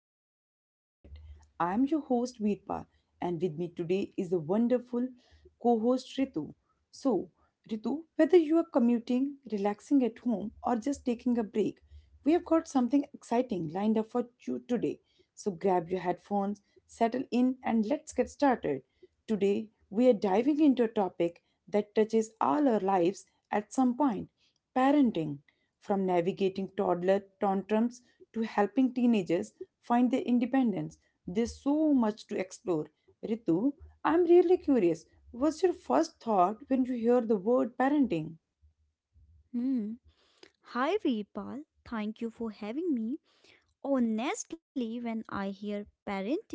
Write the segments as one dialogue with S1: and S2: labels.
S1: Daily Parent Chat. I am your host, Veerpa, and with me today is a wonderful co host, Ritu. So, Ritu, whether you are commuting, relaxing at home, or just taking a break, we have got something exciting lined up for you today. So, grab your headphones, settle in, and let's get started. Today, we are diving into a topic that touches all our lives at some point parenting. From navigating toddler tantrums to helping teenagers find their independence, there's so much to explore. Ritu, I'm really curious. What's your first thought when you hear the word parenting?
S2: Hmm. Hi, Veerpal. Thank you for having me. Honestly, when I hear parenting,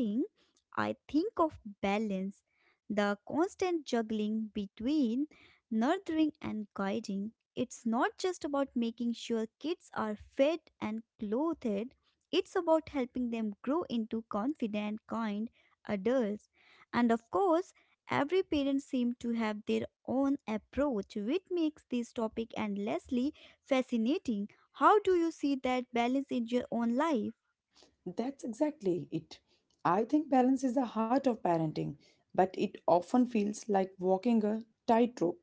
S2: I think of balance, the constant juggling between nurturing and guiding. It's not just about making sure kids are fed and clothed, it's about helping them grow into confident, kind adults. And of course, every parent seems to have their own approach, which makes this topic endlessly fascinating. How do you see that balance in your own life?
S1: That's exactly it. I think balance is the heart of parenting, but it often feels like walking a tightrope.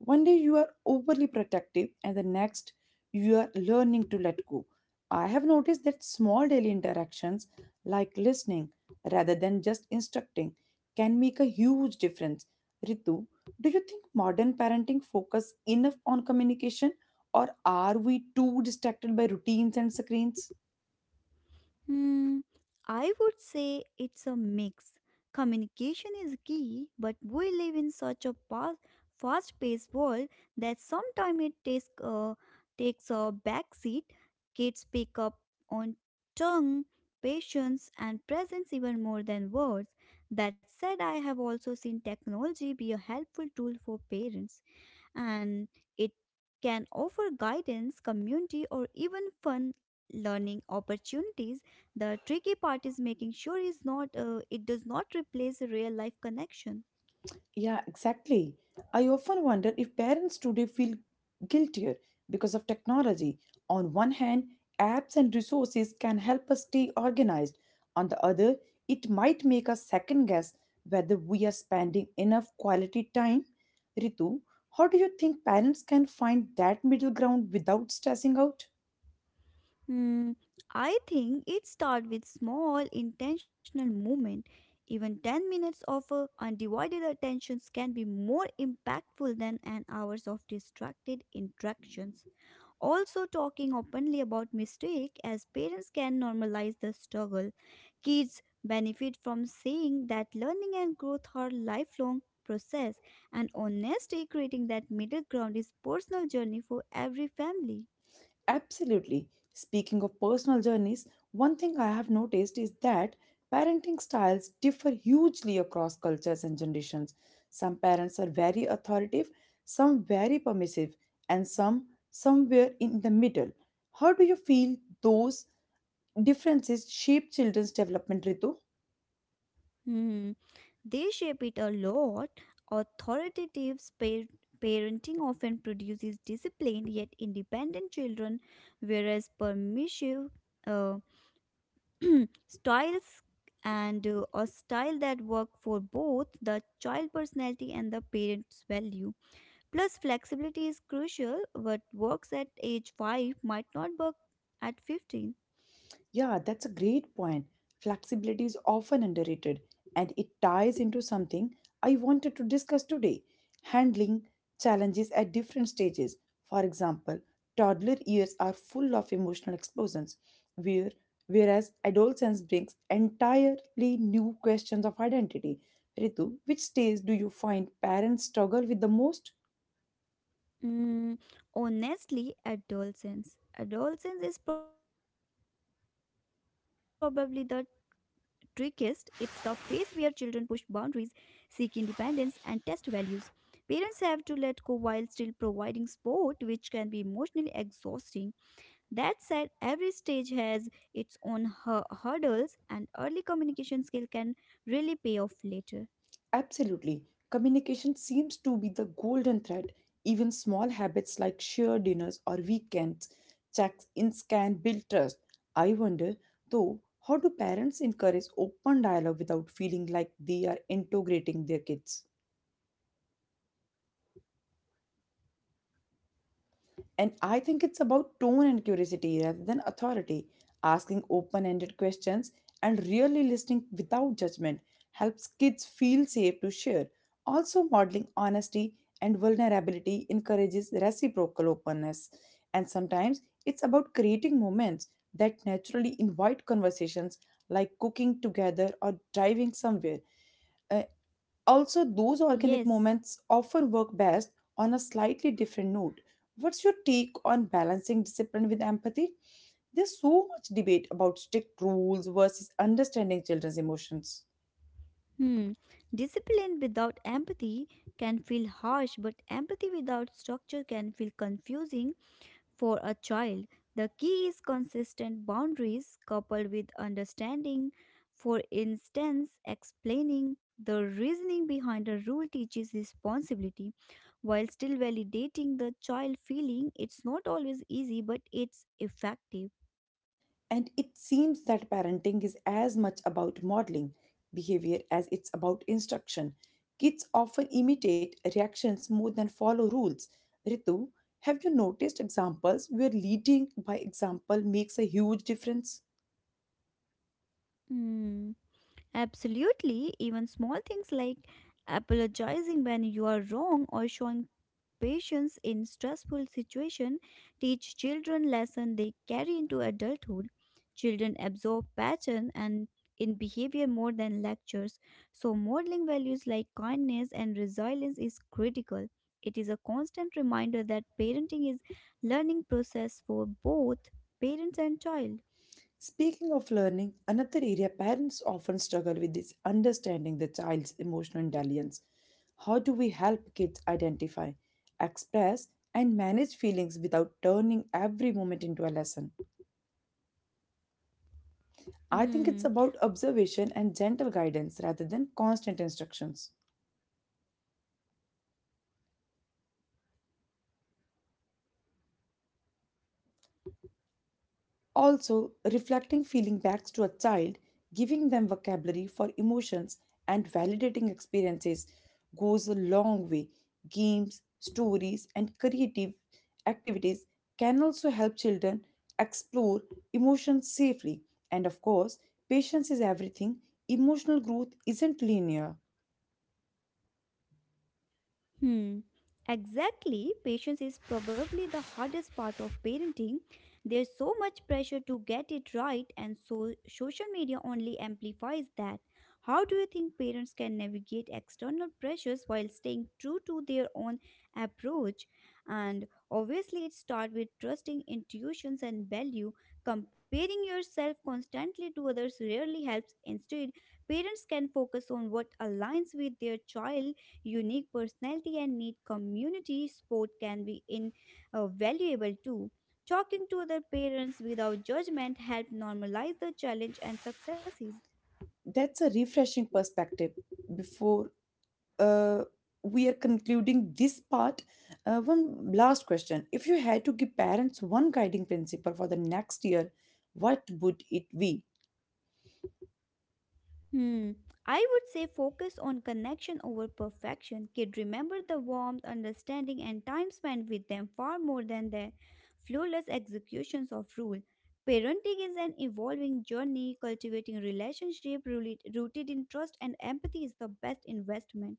S1: One day you are overly protective, and the next you are learning to let go. I have noticed that small daily interactions, like listening rather than just instructing, can make a huge difference. Ritu, do you think modern parenting focus enough on communication, or are we too distracted by routines and screens?
S2: Hmm, I would say it's a mix. Communication is key, but we live in such a fast paced world that sometimes it takes, takes a backseat. Kids pick up on tongue, patience, and presence even more than words. That said, I have also seen technology be a helpful tool for parents and it can offer guidance, community, or even fun learning opportunities. The tricky part is making sure is not it does not replace a real life connection.
S1: Yeah, exactly. I often wonder if parents today feel guiltier because of technology. On one hand, apps and resources can help us stay organized. On the other, it might make us second guess whether we are spending enough quality time. Ritu, how do you think parents can find that middle ground without stressing out?
S2: Hmm, I think it starts with small intentional movement. Even 10 minutes of undivided attentions can be more impactful than an hours of distracted interactions. Also, talking openly about mistake as parents can normalize the struggle. Kids benefit from seeing that learning and growth are lifelong process and honesty creating that middle ground is personal journey for every family.
S1: Absolutely. Speaking of personal journeys, one thing I have noticed is that parenting styles differ hugely across cultures and generations. Some parents are very authoritative, some very permissive, and some somewhere in the middle. How do you feel those differences shape children's development, Ritu?
S2: Hmm. They shape it a lot. Authoritative pa- parenting often produces disciplined yet independent children, whereas permissive uh, styles and a style that work for both the child personality and the parent's value plus flexibility is crucial what works at age 5 might not work at 15.
S1: Yeah, that's a great point. Flexibility is often underrated, and it ties into something I wanted to discuss today handling challenges at different stages. For example, toddler years are full of emotional explosions, where, whereas adolescence brings entirely new questions of identity. Ritu, which stage do you find parents struggle with the most?
S2: Mm, honestly adolescence is probably the trickiest it's the phase where children push boundaries seek independence and test values. Parents have to let go while still providing support, which can be emotionally exhausting. That said, every stage has its own hurdles, and early communication skill can really pay off later.
S1: Absolutely. Communication seems to be the golden thread. Even small habits like shared dinners or weekends, checks in scan build trust. I wonder, though, how do parents encourage open dialogue without feeling like they are integrating their kids? And I think it's about tone and curiosity rather than authority. Asking open ended questions and really listening without judgment helps kids feel safe to share. Also, modeling honesty and vulnerability encourages reciprocal openness. And sometimes it's about creating moments that naturally invite conversations like cooking together or driving somewhere. Uh, also, those organic
S2: Yes,
S1: moments often work best on a slightly different note. What's your take on balancing discipline with empathy? There's so much debate about strict rules versus understanding children's emotions.
S2: hmm. Discipline without empathy can feel harsh, but empathy without structure can feel confusing. For a child, the key is consistent boundaries coupled with understanding. For instance, explaining the reasoning behind a rule teaches responsibility while still validating the child feeling. It's not always easy, but it's effective.
S1: And it seems that parenting is as much about modeling behavior as it's about instruction. Kids often imitate reactions more than follow rules. Ritu, have you noticed examples where leading by example makes a huge difference?
S2: Hmm. Absolutely, even small things like apologizing when you are wrong or showing patience in stressful situation teach children lesson they carry into adulthood. Children absorb pattern and in behavior more than lectures, so modeling values like kindness and resilience is critical. It is a constant reminder that parenting is learning process for both parents and child.
S1: Speaking of learning, another area parents often struggle with is understanding the child's emotional intelligence. How do we help kids identify, express, and manage feelings without turning every moment into a lesson? I think it's about observation and gentle guidance rather than constant instructions. Also, reflecting feeling backs to a child, giving them vocabulary for emotions, and validating experiences goes a long way. Games, stories, and creative activities can also help children explore emotions safely. And of course, patience is everything. Emotional growth isn't linear.
S2: Hmm. Exactly. Patience is probably the hardest part of parenting. There's so much pressure to get it right, and so social media only amplifies that. How do you think parents can navigate external pressures while staying true to their own approach? And obviously, it starts with trusting intuitions and value. Comparing yourself constantly to others rarely helps. Instead, parents can focus on what aligns with their child unique personality and need community support can be invaluable too. Talking to other parents without judgment help normalize the challenge and successes.
S1: That's a refreshing perspective before uh, we are concluding this part. One last question. If you had to give parents one guiding principle for the next year, what would it be?
S2: Hmm. I would say focus on connection over perfection. Kid remember the warmth, understanding, and time spent with them far more than their flawless executions of rule. Parenting is an evolving journey. Cultivating relationship rooted in trust and empathy is the best investment.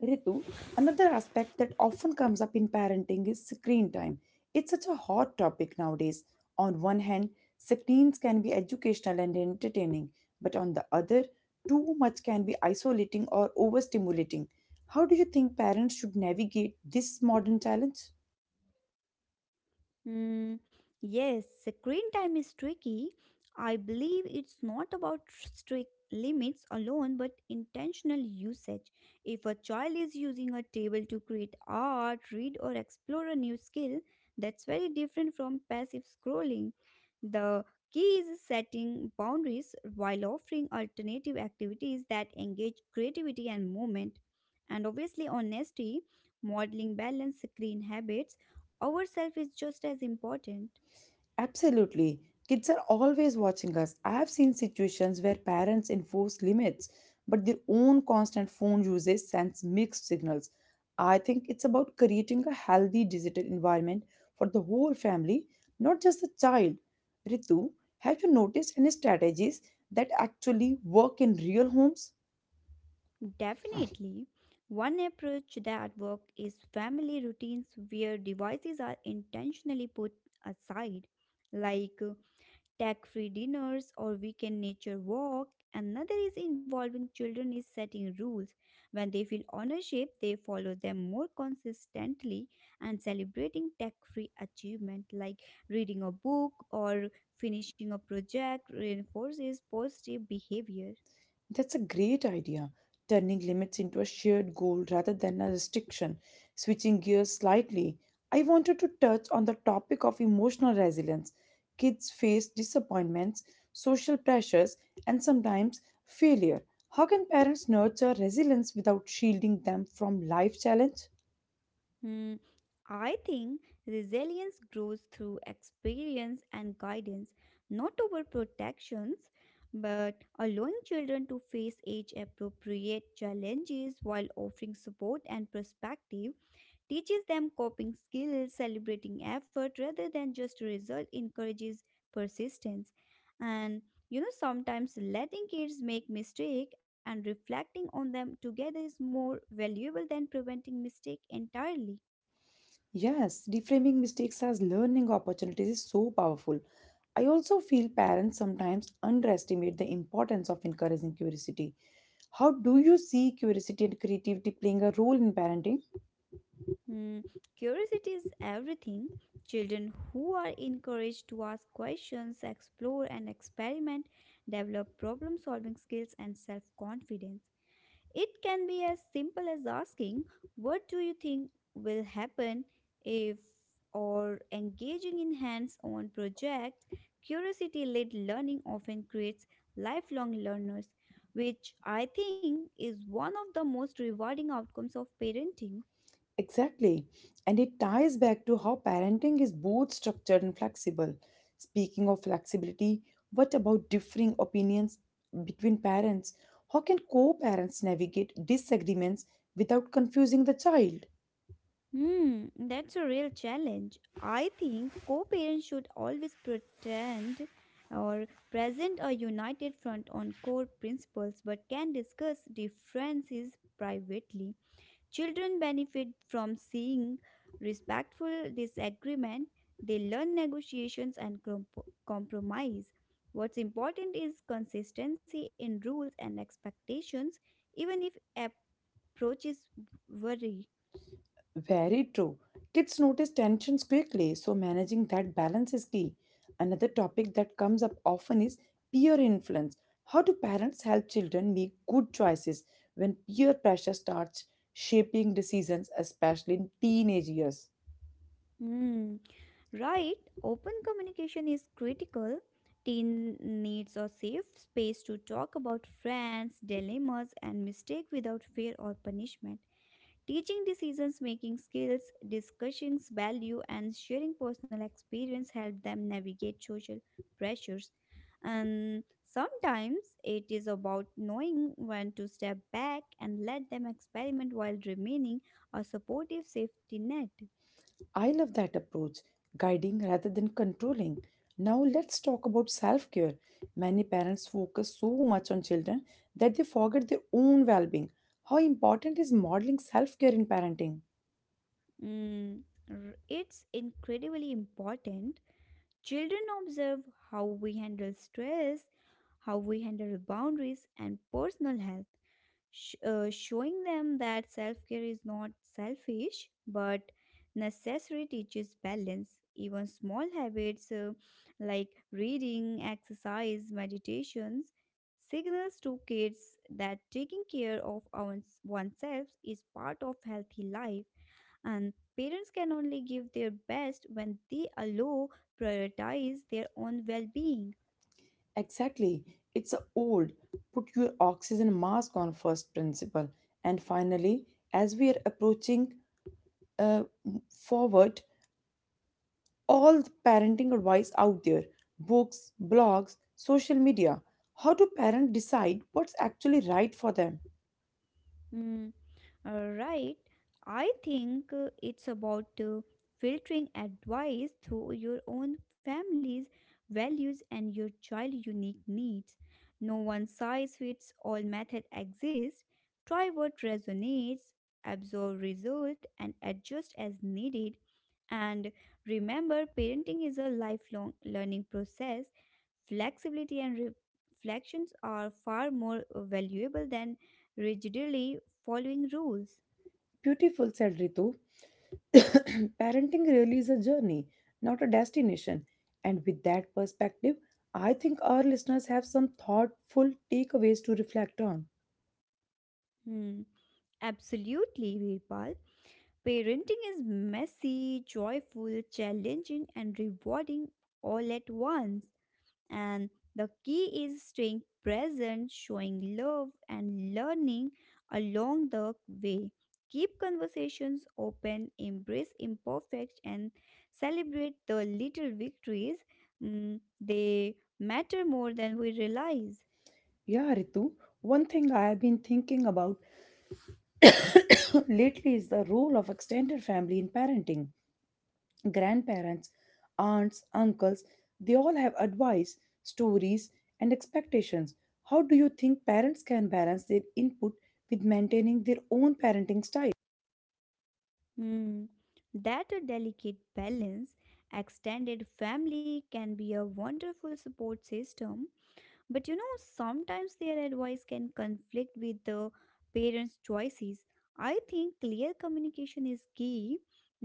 S1: Ritu, another aspect that often comes up in parenting is screen time. It's such a hot topic nowadays. On one hand, screens can be educational and entertaining, but on the other, too much can be isolating or overstimulating. How do you think parents should navigate this modern challenge?
S2: Mm, yes, screen time is tricky. I believe it's not about strict limits alone, but intentional usage. If a child is using a table to create art, read, or explore a new skill, that's very different from passive scrolling. The key is setting boundaries while offering alternative activities that engage creativity and movement. And obviously, honesty, modeling balanced screen habits ourself is just as important.
S1: Absolutely. Kids are always watching us. I have seen situations where parents enforce limits, but their own constant phone usage sends mixed signals. I think it's about creating a healthy digital environment for the whole family, not just the child. Ritu, have you noticed any strategies that actually work in real homes?
S2: Definitely. One approach that works is family routines where devices are intentionally put aside, like tech free dinners or weekend nature walk. Another is involving children is setting rules. When they feel ownership, they follow them more consistently and celebrating tech free achievement like reading a book or finishing a project reinforces positive behavior.
S1: That's a great idea. Turning limits into a shared goal rather than a restriction. Switching gears slightly, I wanted to touch on the topic of emotional resilience. Kids face disappointments, social pressures, and sometimes failure. How can parents nurture resilience without shielding them from life challenge?
S2: Hmm, I think resilience grows through experience and guidance, not over protections, but allowing children to face age appropriate challenges while offering support and perspective teaches them coping skills, celebrating effort rather than just result, encourages persistence. And you know, sometimes letting kids make mistake and reflecting on them together is more valuable than preventing mistake entirely.
S1: Yes, reframing mistakes as learning opportunities is so powerful. I also feel parents sometimes underestimate the importance of encouraging curiosity. How do you see curiosity and creativity playing a role in parenting?
S2: Hmm, curiosity is everything. Children who are encouraged to ask questions, explore, and experiment develop problem solving skills and self confidence. It can be as simple as asking, what do you think will happen if, or engaging in hands on projects. Curiosity led learning often creates lifelong learners, which I think is one of the most rewarding outcomes of parenting.
S1: Exactly. And it ties back to how parenting is both structured and flexible. Speaking of flexibility, what about differing opinions between parents? How can co parents navigate disagreements without confusing the child?
S2: Hmm, that's a real challenge. I think co parents should always pretend or present a united front on core principles but can discuss differences privately. Children benefit from seeing respectful disagreement, they learn negotiations and compromise. What's important is consistency in rules and expectations, even if approaches vary.
S1: Very true. Kids notice tensions quickly, so managing that balance is key. Another topic that comes up often is peer influence. How do parents help children make good choices when peer pressure starts shaping decisions, especially in teenage years?
S2: Hmm. Right, open communication is critical. Teen needs a safe space to talk about friends, dilemmas, and mistakes without fear or punishment. Teaching decisions making skills, discussing value, and sharing personal experience help them navigate social pressures. And sometimes it is about knowing when to step back and let them experiment while remaining a supportive safety net.
S1: I love that approach, guiding rather than controlling. Now let's talk about self care. Many parents focus so much on children that they forget their own well being. How important is modeling self care in parenting?
S2: Mm, it's incredibly important. Children observe how we handle stress, how we handle boundaries, and personal health, showing them that self care is not selfish but necessary teaches balance. Even small habits like reading, exercise, meditations signals to kids that taking care of oneself is part of healthy life and parents can only give their best when they allow prioritize their own well-being.
S1: Exactly, it's a old put your oxygen mask on first principle. And finally, as we are approaching uh, forward, all the parenting advice out there books, blogs, social media. How do parents decide what's actually right for them?
S2: Mm, right. I think it's about filtering advice through your own family's values and your child's unique needs. No one size fits all method exists. Try what resonates, absorb result, and adjust as needed. And remember, parenting is a lifelong learning process. Flexibility and reflections are far more valuable than rigidly following rules.
S1: Beautiful, said Ritu. Parenting really is a journey, not a destination. And with that perspective, I think our listeners have some thoughtful takeaways to reflect on.
S2: Hmm. Absolutely, Virpal. Parenting is messy, joyful, challenging, and rewarding all at once. And the key is staying present, showing love, and learning along the way. Keep conversations open, embrace imperfect, and celebrate the little victories. Mm, they matter more than we realize.
S1: Yeah, Ritu. One thing I have been thinking about lately is the role of extended family in parenting. Grandparents, aunts, uncles, they all have advice, stories, and expectations. How do you think parents can balance their input with maintaining their own parenting style?
S2: Hmm, that a delicate balance, extended family can be a wonderful support system, but you know, sometimes their advice can conflict with the parents' choices. I think clear communication is key.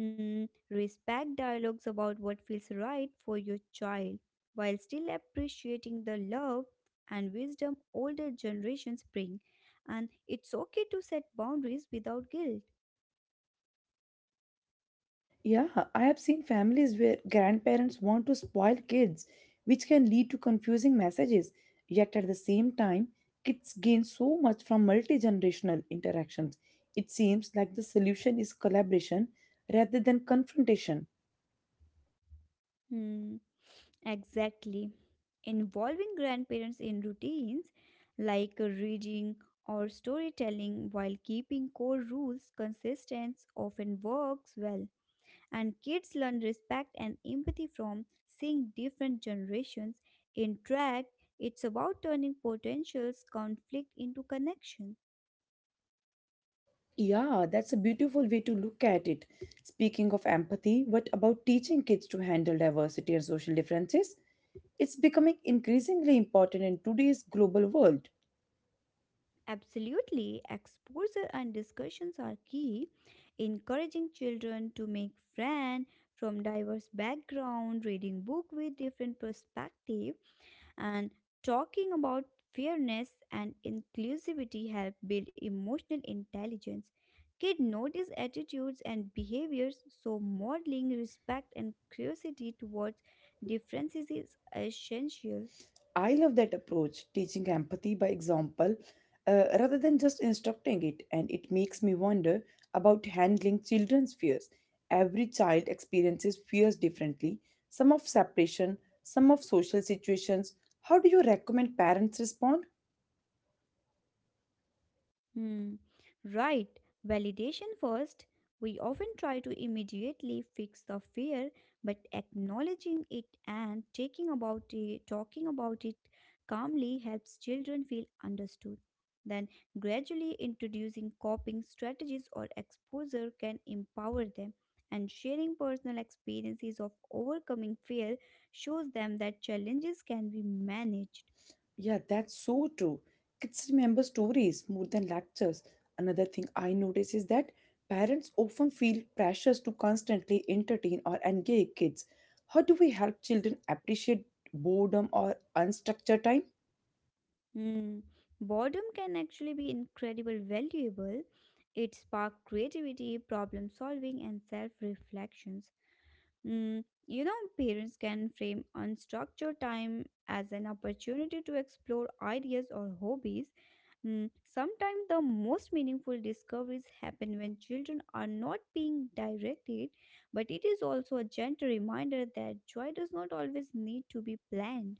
S2: Hmm, respect dialogues about what feels right for your child while still appreciating the love and wisdom older generations bring. And it's okay to set boundaries without guilt.
S1: Yeah, I have seen families where grandparents want to spoil kids, which can lead to confusing messages. Yet at the same time, kids gain so much from multi generational interactions. It seems like the solution is collaboration rather than confrontation.
S2: Hmm, exactly. Involving grandparents in routines like reading or storytelling while keeping core rules consistent often works well. And kids learn respect and empathy from seeing different generations interact. It's about turning potentials conflict into connection.
S1: Yeah, that's a beautiful way to look at it. Speaking of empathy, what about teaching kids to handle diversity and social differences? It's becoming increasingly important in today's global world.
S2: Absolutely, exposure and discussions are key. Encouraging children to make friends from diverse background, reading book with different perspective, and talking about fairness and inclusivity help build emotional intelligence. Kids notice attitudes and behaviors, so modeling respect and curiosity towards differences is essential.
S1: I love that approach, teaching empathy by example rather than just instructing it. And it makes me wonder about handling children's fears. Every child experiences fears differently, some of separation, some of social situations. How do you recommend parents respond?
S2: Hmm. Right. Validation first. We often try to immediately fix the fear, but acknowledging it and taking about it, talking about it calmly helps children feel understood. Then gradually introducing coping strategies or exposure can empower them. And sharing personal experiences of overcoming fear shows them that challenges can be managed.
S1: Yeah, that's so true. Kids remember stories more than lectures. Another thing I notice is that parents often feel pressures to constantly entertain or engage kids. How do we help children appreciate boredom or unstructured time?
S2: Mm, boredom can actually be incredibly valuable. It sparks creativity, problem solving, and self reflections. Mm, you know, parents can frame unstructured time as an opportunity to explore ideas or hobbies. Mm, sometimes the most meaningful discoveries happen when children are not being directed, but it is also a gentle reminder that joy does not always need to be planned.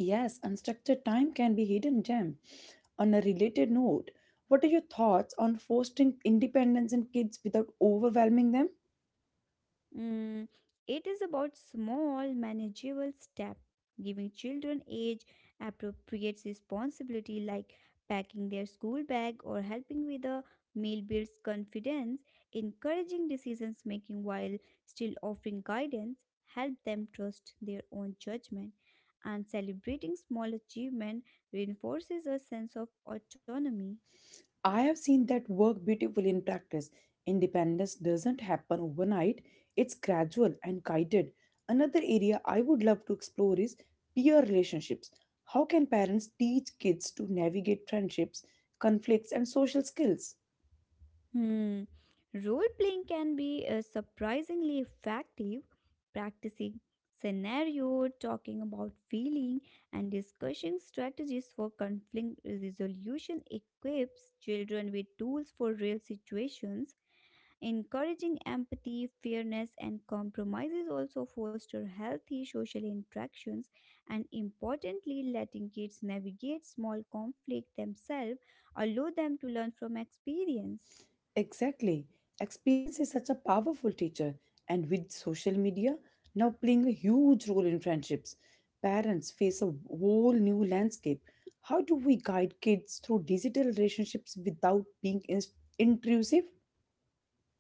S1: Yes, unstructured time can be hidden gem. On a related note, what are your thoughts on fostering independence in kids without overwhelming them?
S2: Mm, it is about small, manageable steps, giving children age appropriate responsibility like packing their school bag or helping with a meal builds confidence, encouraging decisions making while still offering guidance, help them trust their own judgment, and celebrating small achievement reinforces a sense of autonomy.
S1: I have seen that work beautifully in practice. Independence doesn't happen overnight, it's gradual and guided. Another area I would love to explore is peer relationships. How can parents teach kids to navigate friendships, conflicts, and social skills?
S2: Hmm. Role playing can be surprisingly effective. Practicing scenario, talking about feeling, and discussing strategies for conflict resolution equips children with tools for real situations. Encouraging empathy, fairness, and compromises also foster healthy social interactions, and importantly, letting kids navigate small conflict themselves allow them to learn from experience.
S1: Exactly. Experience is such a powerful teacher, and with social media now playing a huge role in friendships, parents face a whole new landscape. How do we guide kids through digital relationships without being intrusive?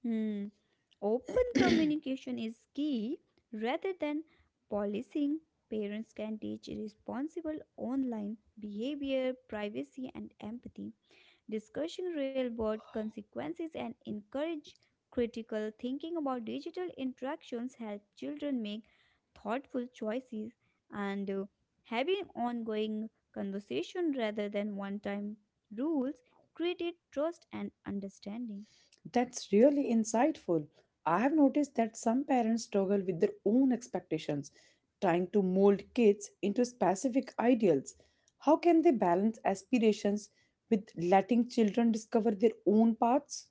S2: Hmm. Open communication is key rather than policing. Parents can teach responsible online behavior, privacy, and empathy, discussing real world consequences, and encourage critical thinking about digital interactions. Help children make thoughtful choices and having ongoing conversation rather than one time rules created trust and understanding.
S1: That's really insightful. I have noticed that some parents struggle with their own expectations, trying to mold kids into specific ideals. How can they balance aspirations with letting children discover their own paths?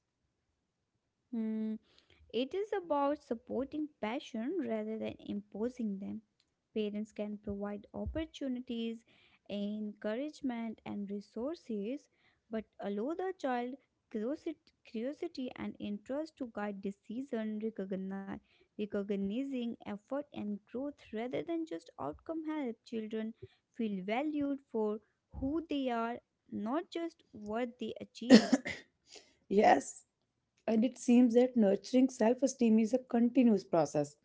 S2: Hmm. It is about supporting passion rather than imposing them. Parents can provide opportunities, encouragement, and resources, but allow the child curiosity and interest to guide decision, recognizing effort and growth rather than just outcome. Help children feel valued for who they are, not just what they achieve.
S1: Yes, and it seems that nurturing self esteem is a continuous process.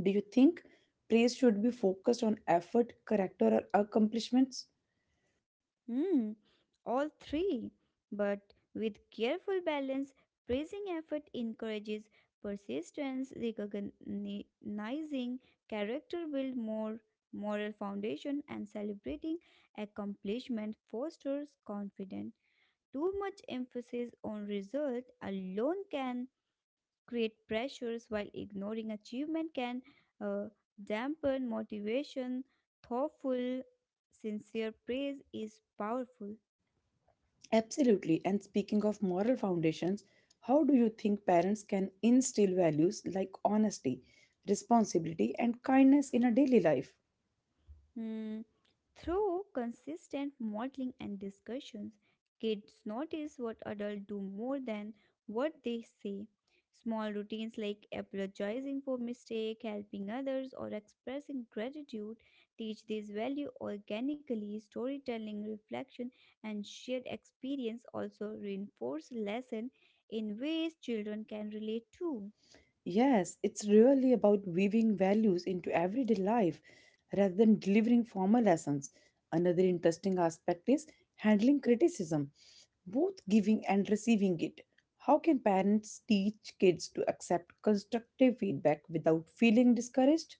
S1: Do you think praise should be focused on effort, character, or accomplishments?
S2: Mm, all three. But with careful balance, praising effort encourages persistence, recognizing character build more moral foundation, and celebrating accomplishment fosters confidence. Too much emphasis on result alone can create pressures while ignoring achievement can uh, dampen motivation. Thoughtful, sincere praise is powerful.
S1: Absolutely. And speaking of moral foundations, how do you think parents can instill values like honesty, responsibility, and kindness in a daily life?
S2: Mm. Through consistent modeling and discussions, kids notice what adults do more than what they say. Small routines like apologizing for mistake, helping others, or expressing gratitude teach this value organically. Storytelling, reflection, and shared experience also reinforce lesson in ways children can relate to.
S1: Yes, it's really about weaving values into everyday life rather than delivering formal lessons. Another interesting aspect is handling criticism, both giving and receiving it. How can parents teach kids to accept constructive feedback without feeling discouraged?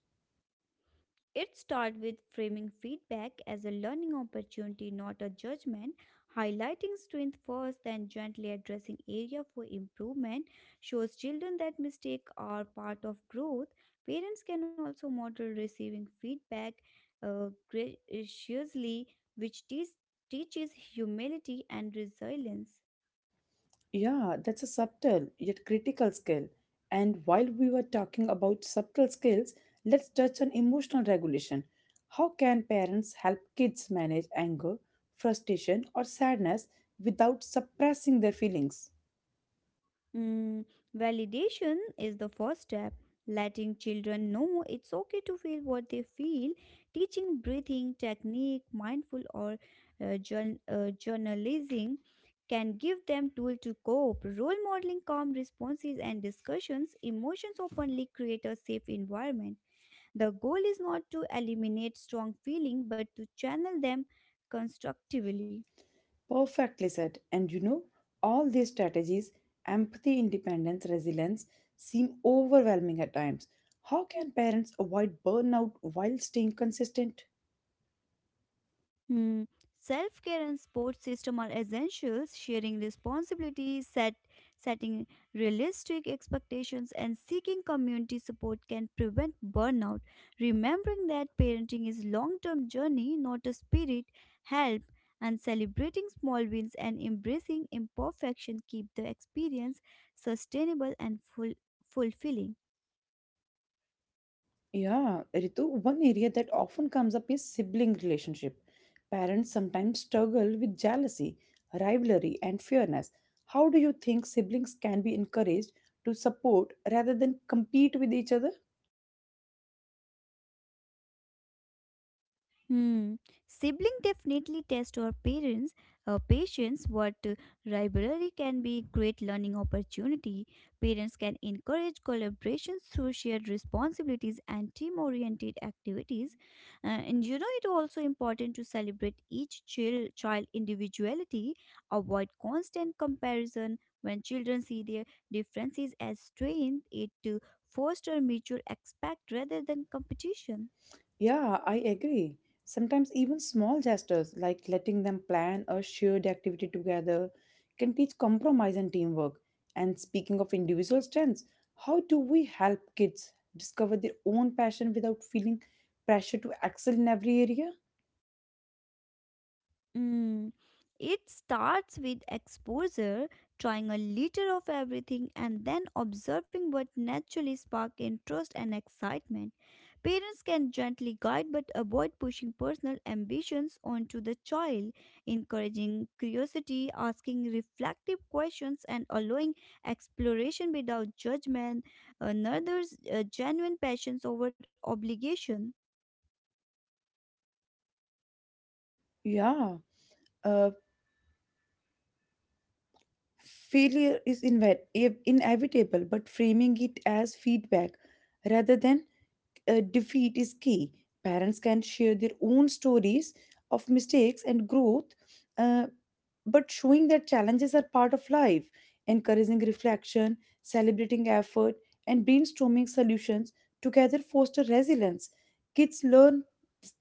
S2: It starts with framing feedback as a learning opportunity, not a judgment. Highlighting strength first, then gently addressing area for improvement, shows children that mistakes are part of growth. Parents can also model receiving feedback graciously, which teaches humility and resilience.
S1: Yeah, that's a subtle yet critical skill. And while we were talking about subtle skills, let's touch on emotional regulation. How can parents help kids manage anger, frustration, or sadness without suppressing their feelings?
S2: Mm, validation is the first step. Letting children know it's okay to feel what they feel, teaching breathing technique, mindful or journalism can give them tool to cope. Role modeling calm responses and discussions, emotions openly create a safe environment. The goal is not to eliminate strong feeling but to channel them constructively.
S1: Perfectly said. And you know, all these strategies empathy, independence, resilience seem overwhelming at times. How can parents avoid burnout while staying consistent?
S2: Hmm. Self care and support system are essentials. Sharing responsibilities, setting realistic expectations, and seeking community support can prevent burnout. Remembering that parenting is long term journey, not a spirit, help, and celebrating small wins and embracing imperfection keep the experience sustainable and full, fulfilling.
S1: Yeah, Ritu, one area that often comes up is sibling relationship. Parents sometimes struggle with jealousy, rivalry, and fairness. How do you think siblings can be encouraged to support rather than compete with each other?
S2: Hmm. Sibling definitely test our parents' patience. What rivalry can be great learning opportunity. Parents can encourage collaboration through shared responsibilities and team-oriented activities. And you know, it also important to celebrate each child individuality. Avoid constant comparison. When children see their differences as strength, it to foster mutual respect rather than competition.
S1: Yeah, I agree. Sometimes even small gestures like letting them plan a shared activity together can teach compromise and teamwork. And speaking of individual strengths, how do we help kids discover their own passion without feeling pressure to excel in every area?
S2: Mm. It starts with exposure, trying a little of everything, and then observing what naturally sparked interest and excitement. Parents can gently guide but avoid pushing personal ambitions onto the child, encouraging curiosity, asking reflective questions, and allowing exploration without judgment, another's genuine passions over obligation.
S1: Yeah, uh, failure is inevitable, but framing it as feedback rather than defeat is key. Parents can share their own stories of mistakes and growth, uh, but showing that challenges are part of life, encouraging reflection, celebrating effort, and brainstorming solutions together foster resilience. Kids learn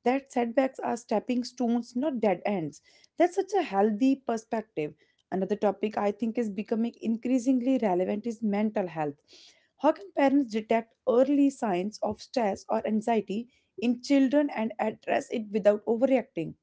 S1: that setbacks are stepping stones, not dead ends. That's such a healthy perspective. Another topic I think is becoming increasingly relevant is mental health. How can parents detect early signs of stress or anxiety in children and address it without overreacting?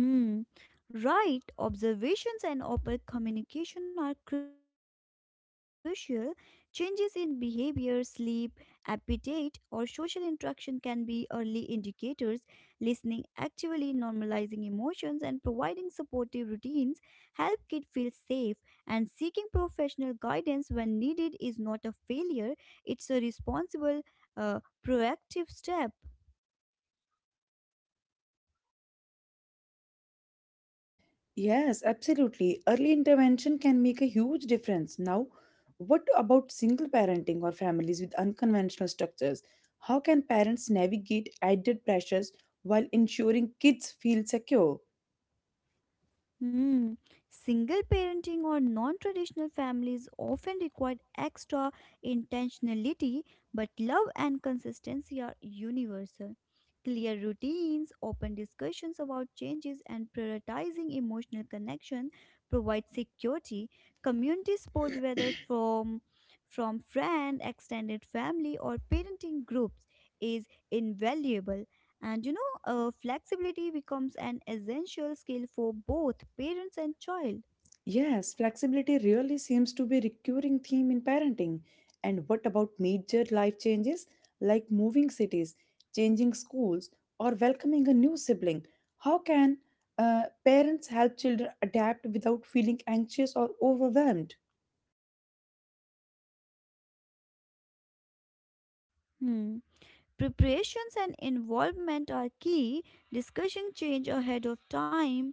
S2: Hmm. Right. Observations and open communication are crucial. Changes in behavior, sleep, appetite, or social interaction can be early indicators. Listening actively, normalizing emotions, and providing supportive routines help kids feel safe. And seeking professional guidance when needed is not a failure, it's a responsible, uh, proactive step.
S1: Yes, absolutely. Early intervention can make a huge difference. Now, what about single parenting or families with unconventional structures? How can parents navigate added pressures while ensuring kids feel secure?
S2: Hmm. Single parenting or non traditional families often require extra intentionality, but love and consistency are universal. Clear routines, open discussions about changes, and prioritizing emotional connection provide security. Community support, whether from friend, extended family, or parenting groups, is invaluable. And you know, flexibility becomes an essential skill for both parents and child.
S1: Yes, flexibility really seems to be a recurring theme in parenting. And what about major life changes like moving cities, changing schools, or welcoming a new sibling? How can parents help children adapt without feeling anxious or overwhelmed?
S2: Hmm. Preparations and involvement are key. Discussion change ahead of time.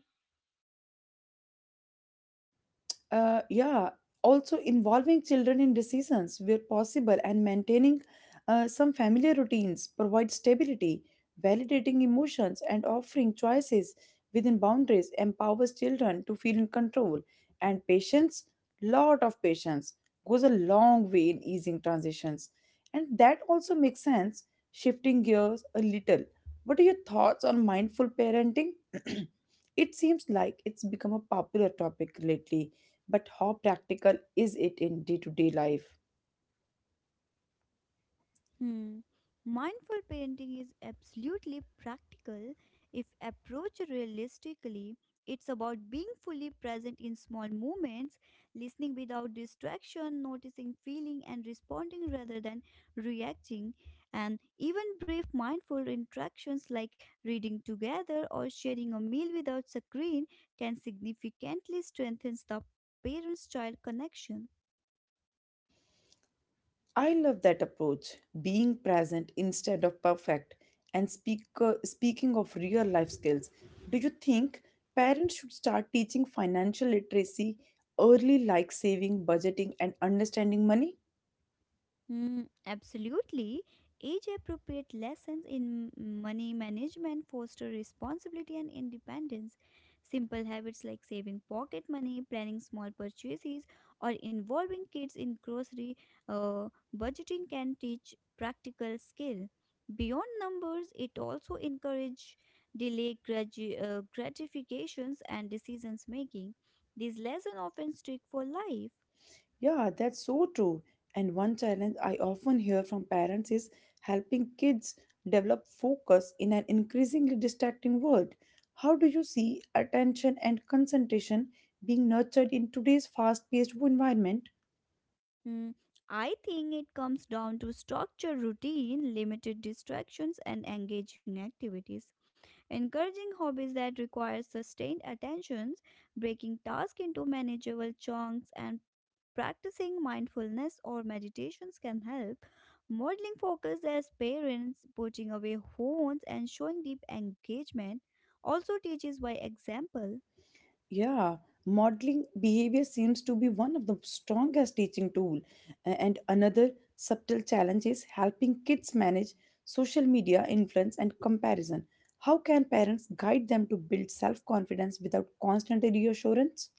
S1: Yeah, also involving children in decisions where possible and maintaining some familiar routines provide stability, validating emotions, and offering choices within boundaries empowers children to feel in control. And patience, lot of patience, goes a long way in easing transitions. And that also makes sense, shifting gears a little. What are your thoughts on mindful parenting? It seems like it's become a popular topic lately, but how practical is it in day to day life?
S2: Hmm. Mindful parenting is absolutely practical if approached realistically. It's about being fully present in small moments, listening without distraction, noticing feeling and responding rather than reacting, and even brief mindful interactions like reading together or sharing a meal without screen can significantly strengthen the parents-child connection.
S1: I love that approach, being present instead of perfect. And speaking of real life skills, do you think parents should start teaching financial literacy early, like saving, budgeting, and understanding money?
S2: Mm, absolutely. Age appropriate lessons in money management foster responsibility and independence. Simple habits like saving pocket money, planning small purchases, or involving kids in grocery uh, budgeting can teach practical skill. Beyond numbers, it also encourage delay gratifications and decisions making. These lessons often stick for life.
S1: Yeah, that's so true. And one challenge I often hear from parents is helping kids develop focus in an increasingly distracting world. How do you see attention and concentration being nurtured in today's fast paced environment?
S2: Mm, I think it comes down to structure, routine, limited distractions, and engaging activities. Encouraging hobbies that require sustained attentions, breaking tasks into manageable chunks, and practicing mindfulness or meditations can help. Modeling focus as parents, putting away phones, and showing deep engagement also teaches by example.
S1: Yeah, modeling behavior seems to be one of the strongest teaching tool. And another subtle challenge is helping kids manage social media influence and comparison. How can parents guide them to build self-confidence without constant reassurance?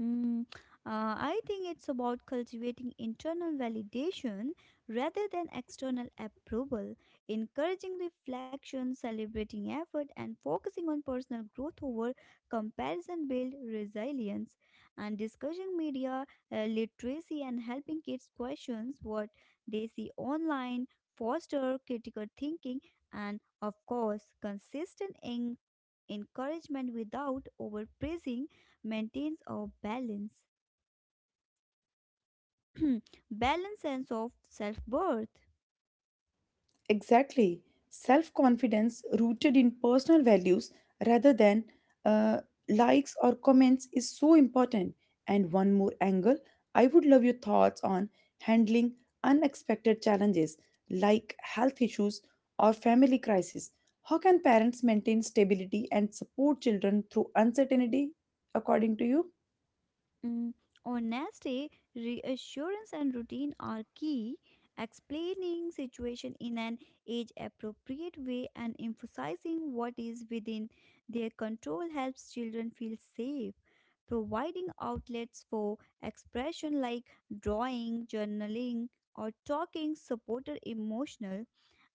S2: Mm, I think it's about cultivating internal validation rather than external approval. Encouraging reflection, celebrating effort, and focusing on personal growth over comparison build resilience. And discussing media literacy and helping kids questions what they see online, foster critical thinking. And of course, consistent encouragement without overpraising maintains a balance sense of self worth.
S1: Exactly. Self confidence rooted in personal values rather than uh, likes or comments is so important. And one more angle I would love your thoughts on handling unexpected challenges like health issues or family crisis. How can parents maintain stability and support children through uncertainty, according to you?
S2: Mm, honesty, reassurance, and routine are key. Explaining situation in an age appropriate way and emphasizing what is within their control helps children feel safe. Providing outlets for expression like drawing, journaling, or talking supported emotional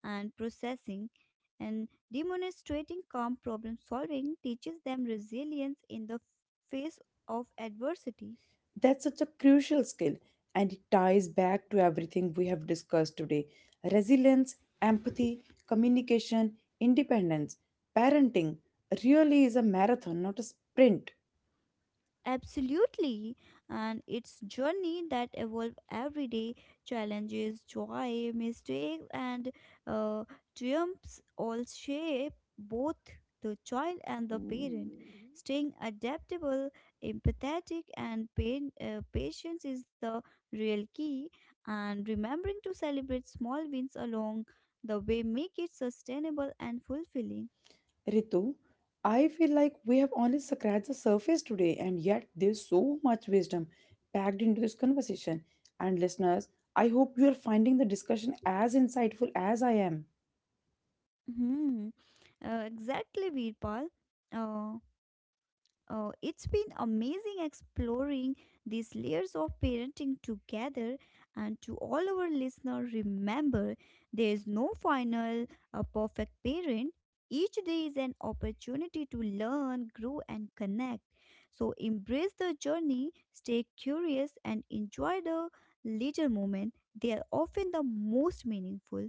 S2: and processing and demonstrating calm problem solving teaches them resilience in the face of adversity.
S1: That's such a crucial skill, and it ties back to everything we have discussed today: resilience, empathy, communication, independence, parenting. Really is a marathon, not a sprint.
S2: Absolutely, and it's journey that evolve every day. Challenges, joy, mistakes, and uh, triumphs all shape both the child and the parent. Staying adaptable, empathetic, and patience is the real key. And remembering to celebrate small wins along the way make it sustainable and fulfilling.
S1: Ritu, I feel like we have only scratched the surface today, and yet there's so much wisdom packed into this conversation. And listeners, I hope you are finding the discussion as insightful as I am.
S2: Hmm. Exactly, Virpal. Uh, it's been amazing exploring these layers of parenting together. And to all our listeners, remember there is no final perfect parent. Each day is an opportunity to learn, grow, and connect. So embrace the journey, stay curious, and enjoy the little moment. They are often the most meaningful.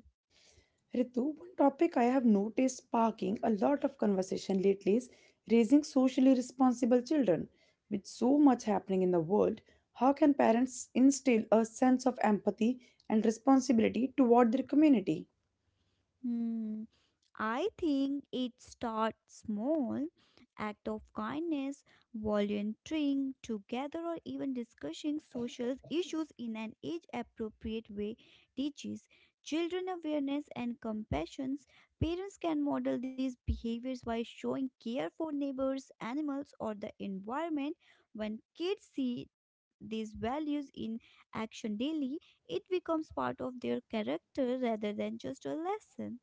S1: Ritu, one topic I have noticed sparking a lot of conversation lately is raising socially responsible children. With so much happening in the world, how can parents instill a sense of empathy and responsibility toward their community?
S2: Hmm. I think it starts small. Act of kindness, volunteering together, or even discussing social issues in an age appropriate way teaches children awareness and compassion. Parents can model these behaviors by showing care for neighbors, animals, or the environment. When kids see these values in action daily, it becomes part of their character rather than just a lesson.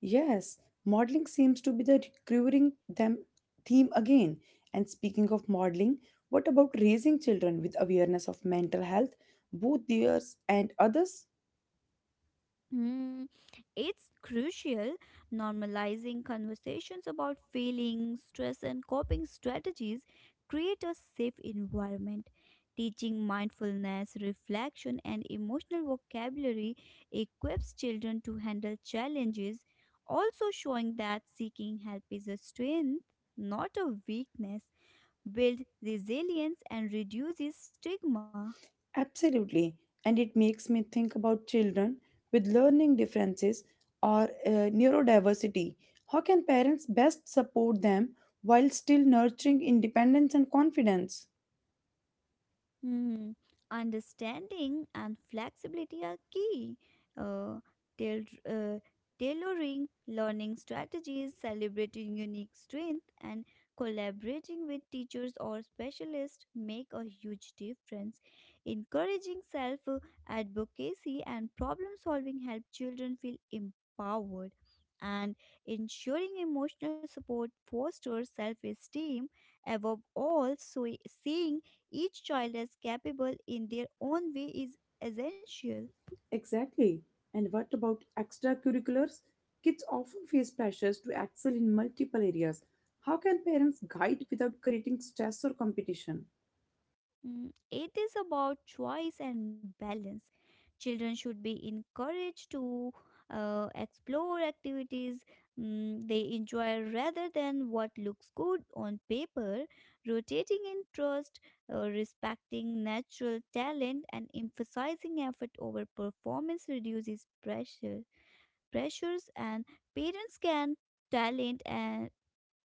S1: Yes, modeling seems to be the recurring theme again. And speaking of modeling, what about raising children with awareness of mental health, both theirs and others?
S2: Hmm, it's crucial. Normalizing conversations about feelings, stress, and coping strategies create a safe environment. Teaching mindfulness, reflection, and emotional vocabulary equips children to handle challenges. Also, showing that seeking help is a strength, not a weakness, builds resilience and reduces stigma.
S1: Absolutely. And it makes me think about children with learning differences or neurodiversity. How can parents best support them while still nurturing independence and confidence?
S2: Hmm, understanding and flexibility are key. Uh, tail- uh, Tailoring learning strategies, celebrating unique strength, and collaborating with teachers or specialists make a huge difference. Encouraging self advocacy and problem solving help children feel empowered. And ensuring emotional support fosters self esteem. Above all, so seeing each child is capable in their own way is essential.
S1: Exactly. And what about extracurriculars? Kids often face pressures to excel in multiple areas. How can parents guide without creating stress or competition?
S2: Mm, it is about choice and balance. Children should be encouraged to explore activities they enjoy rather than what looks good on paper. Rotating interest, respecting natural talent, and emphasizing effort over performance reduces pressures. And parents can talent and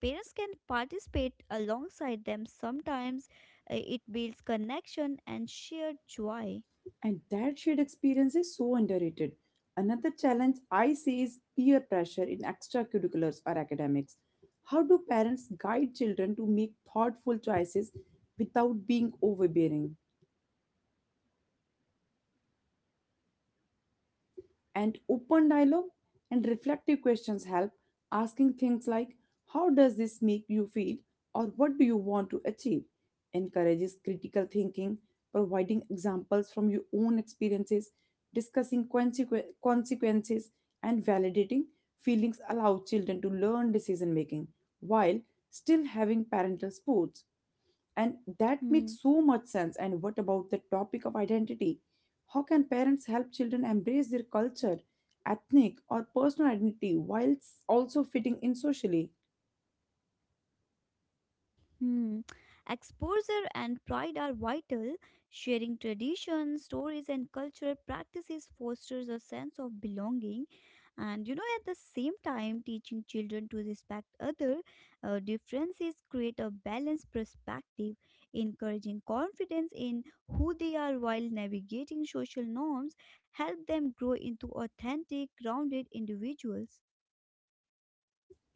S2: parents can participate alongside them. Sometimes it builds connection and shared joy.
S1: And that shared experience is so underrated. Another challenge I see is peer pressure in extracurriculars or academics. How do parents guide children to make thoughtful choices without being overbearing? And open dialogue and reflective questions help, asking things like, "How does this make you feel?" or "What do you want to achieve?" encourages critical thinking, providing examples from your own experiences, discussing consequences, and validating feelings allow children to learn decision making while still having parental support. And that makes
S2: Hmm.
S1: so much sense. And what about the topic of identity? How can parents help children embrace their culture, ethnic, or personal identity whilst also fitting in socially?
S2: Hmm. Exposure and pride are vital. Sharing traditions, stories, and cultural practices fosters a sense of belonging. And you know, at the same time, teaching children to respect other differences create a balanced perspective, encouraging confidence in who they are while navigating social norms. Help them grow into authentic, grounded individuals.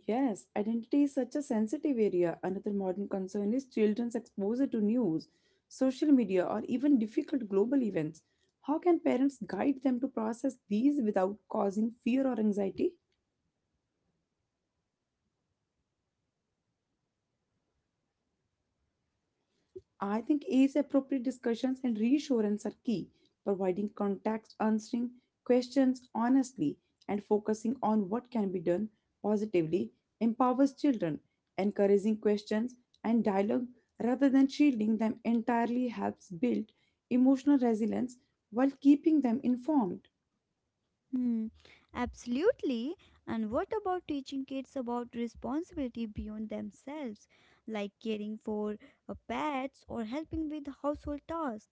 S1: Yes, identity is such a sensitive area. Another modern concern is children's exposure to news, social media, or even difficult global events. How can parents guide them to process these without causing fear or anxiety? I think age appropriate discussions and reassurance are key, providing context, answering questions honestly, and focusing on what can be done positively empowers children. Encouraging questions and dialogue rather than shielding them entirely helps build emotional resilience while keeping them informed.
S2: Hmm, absolutely. And what about teaching kids about responsibility beyond themselves, like caring for pets or helping with household tasks?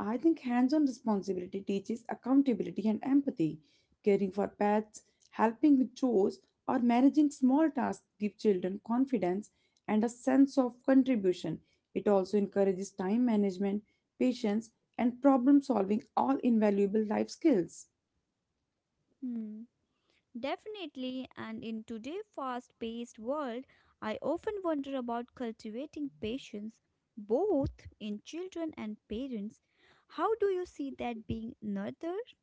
S1: I think hands on responsibility teaches accountability and empathy. Caring for pets, helping with chores, or managing small tasks give children confidence and a sense of contribution. It also encourages time management, patience, and problem solving, all invaluable life skills.
S2: Hmm, definitely. And in today's fast paced world, I often wonder about cultivating patience, both in children and parents. How do you see that being nurtured?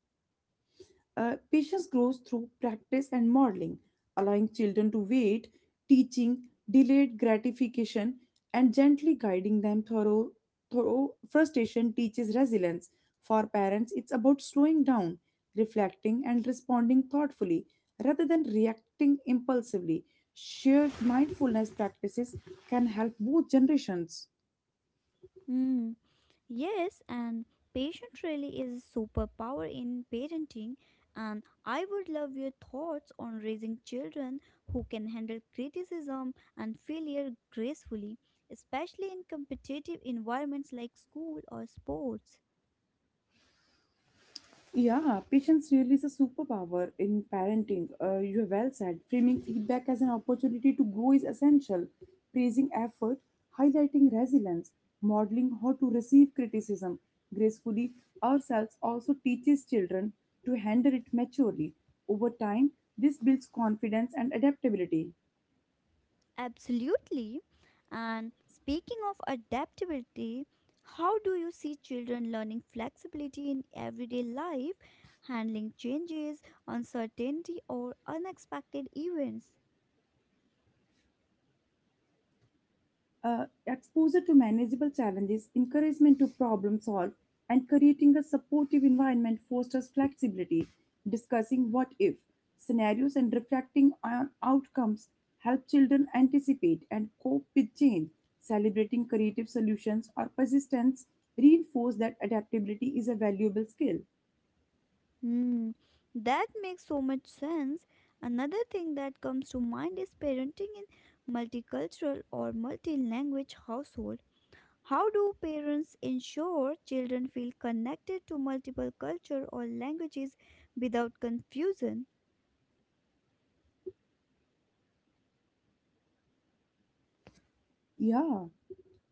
S1: Patience grows through practice and modeling, allowing children to wait, teaching delayed gratification, and gently guiding them through frustration teaches resilience. For parents, it's about slowing down, reflecting, and responding thoughtfully rather than reacting impulsively. Shared mindfulness practices can help both generations.
S2: Mm, yes, and patience really is a superpower in parenting. And I would love your thoughts on raising children who can handle criticism and failure gracefully, especially in competitive environments like school or sports.
S1: Yeah, patience really is a superpower in parenting. You have well said. Framing feedback as an opportunity to grow is essential. Praising effort, highlighting resilience, modeling how to receive criticism gracefully ourselves also teaches children to handle it maturely. Over time, this builds confidence and adaptability.
S2: Absolutely. And speaking of adaptability, how do you see children learning flexibility in everyday life, handling changes, uncertainty, or unexpected events?
S1: Exposure to manageable challenges, encouragement to problem solve, and creating a supportive environment fosters flexibility. Discussing what if scenarios and reflecting on outcomes help children anticipate and cope with change. Celebrating creative solutions or persistence reinforce that adaptability is a valuable skill.
S2: Hmm, that makes so much sense. Another thing that comes to mind is parenting in multicultural or multi-language household. How do parents ensure children feel connected to multiple culture or languages without confusion?
S1: Yeah.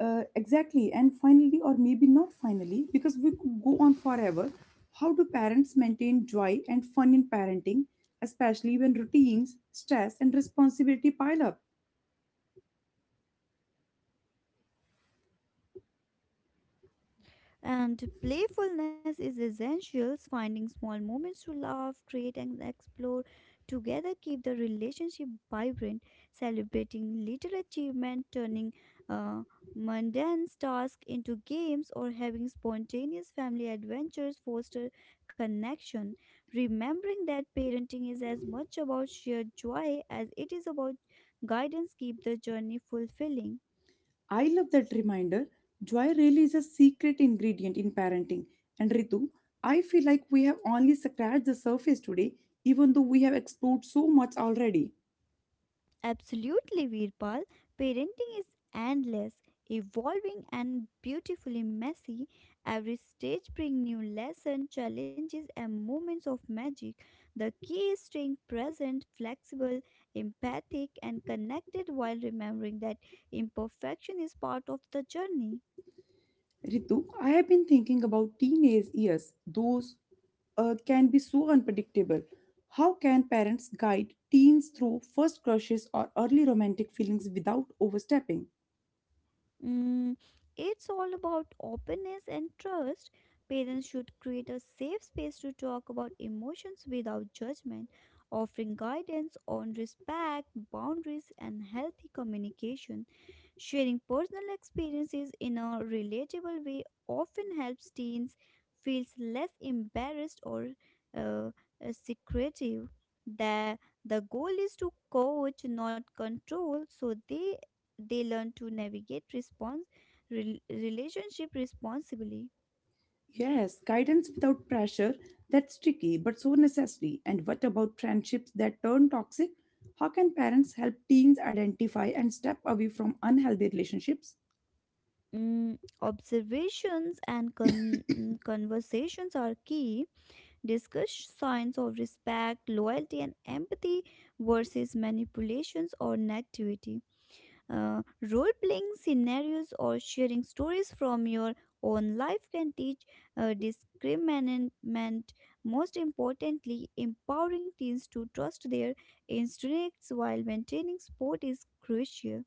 S1: Exactly. And finally, or maybe not finally, because we could go on forever. How do parents maintain joy and fun in parenting, especially when routines, stress, and responsibility pile up?
S2: And playfulness is essential. Finding small moments to laugh, create, and explore together keep the relationship vibrant. Celebrating little achievement, turning uh, mundane tasks into games, or having spontaneous family adventures foster connection. Remembering that parenting is as much about shared joy as it is about guidance keep the journey fulfilling.
S1: I love that reminder. Joy really is a secret ingredient in parenting. And Ritu, I feel like we have only scratched the surface today, even though we have explored so much already.
S2: Absolutely, Virpal. Parenting is endless, evolving, and beautifully messy. Every stage brings new lessons, challenges, and moments of magic. The key is staying present, flexible, empathic, and connected while remembering that imperfection is part of the journey.
S1: Ritu, I have been thinking about teenage years. Those can be so unpredictable. How can parents guide teens through first crushes or early romantic feelings without overstepping?
S2: Mm, it's all about openness and trust. Parents should create a safe space to talk about emotions without judgment, offering guidance on respect, boundaries, and healthy communication. Sharing personal experiences in a relatable way often helps teens feel less embarrassed or uh, uh, secretive. The, the goal is to coach, not control, so they learn to navigate relationship responsibly.
S1: Yes, guidance without pressure, that's tricky but so necessary. And what about friendships that turn toxic? How can parents help teens identify and step away from unhealthy relationships?
S2: Mm, observations and conversations are key. Discuss signs of respect loyalty and empathy versus manipulations or negativity. Uh, Role playing scenarios or sharing stories from your own life can teach discriminant. Most importantly, empowering teens to trust their instincts while maintaining sport is crucial.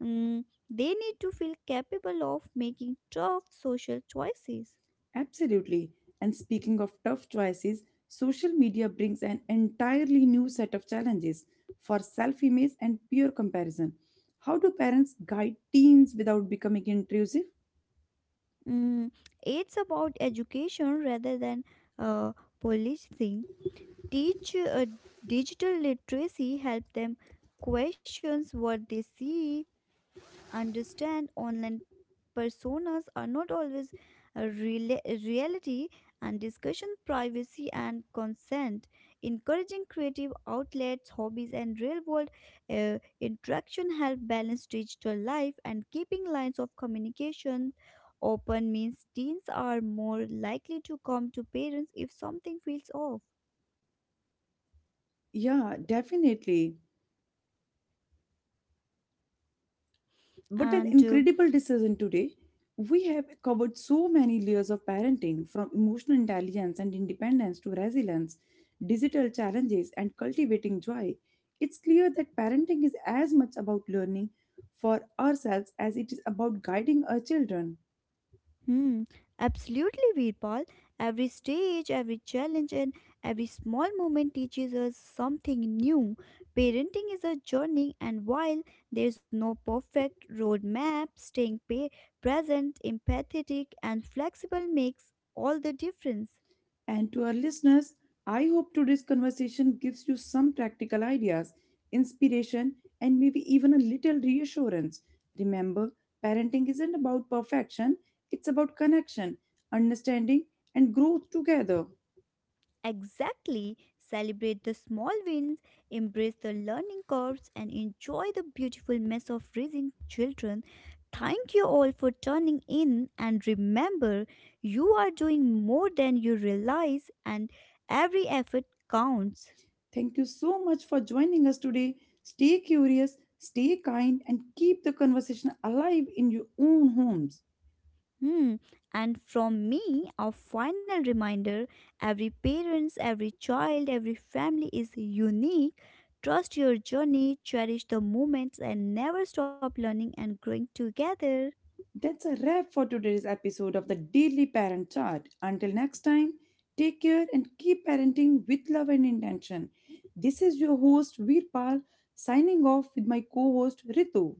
S2: Mm, they need to feel capable of making tough social choices.
S1: Absolutely. And speaking of tough choices, social media brings an entirely new set of challenges for self image and peer comparison. How do parents guide teens without becoming intrusive?
S2: Mm, it's about education rather than uh, policing. Teach digital literacy, help them questions what they see, understand online personas are not always a reality, and discussion privacy and consent. Encouraging creative outlets, hobbies, and real world interaction help balance digital life. And keeping lines of communication open means teens are more likely to come to parents if something feels off.
S1: Yeah, definitely. What an
S2: And
S1: incredible decision today. We have covered so many layers of parenting, from emotional intelligence and independence to resilience, digital challenges, and cultivating joy. It's clear that parenting is as much about learning for ourselves as it is about guiding our children.
S2: Hmm, absolutely, Veerpal. Every stage, every challenge, and every small moment teaches us something new. Parenting is a journey, and while there's no perfect roadmap, staying present, empathetic, and flexible makes all the difference.
S1: And to our listeners, I hope today's conversation gives you some practical ideas, inspiration, and maybe even a little reassurance. Remember, parenting isn't about perfection, it's about connection, understanding, and growth together.
S2: Exactly. Celebrate the small wins, embrace the learning curves, and enjoy the beautiful mess of raising children. Thank you all for turning in, and remember, you are doing more than you realize, and every effort counts.
S1: Thank you so much for joining us today. Stay curious, stay kind, and keep the conversation alive in your own homes.
S2: Hmm. And from me, a final reminder: every parents, every child, every family is unique. Trust your journey, cherish the moments, and never stop learning and growing together.
S1: That's a wrap for today's episode of the Daily Parent Chart. Until next time, take care and keep parenting with love and intention. This is your host Veerpal, signing off with my co-host Ritu.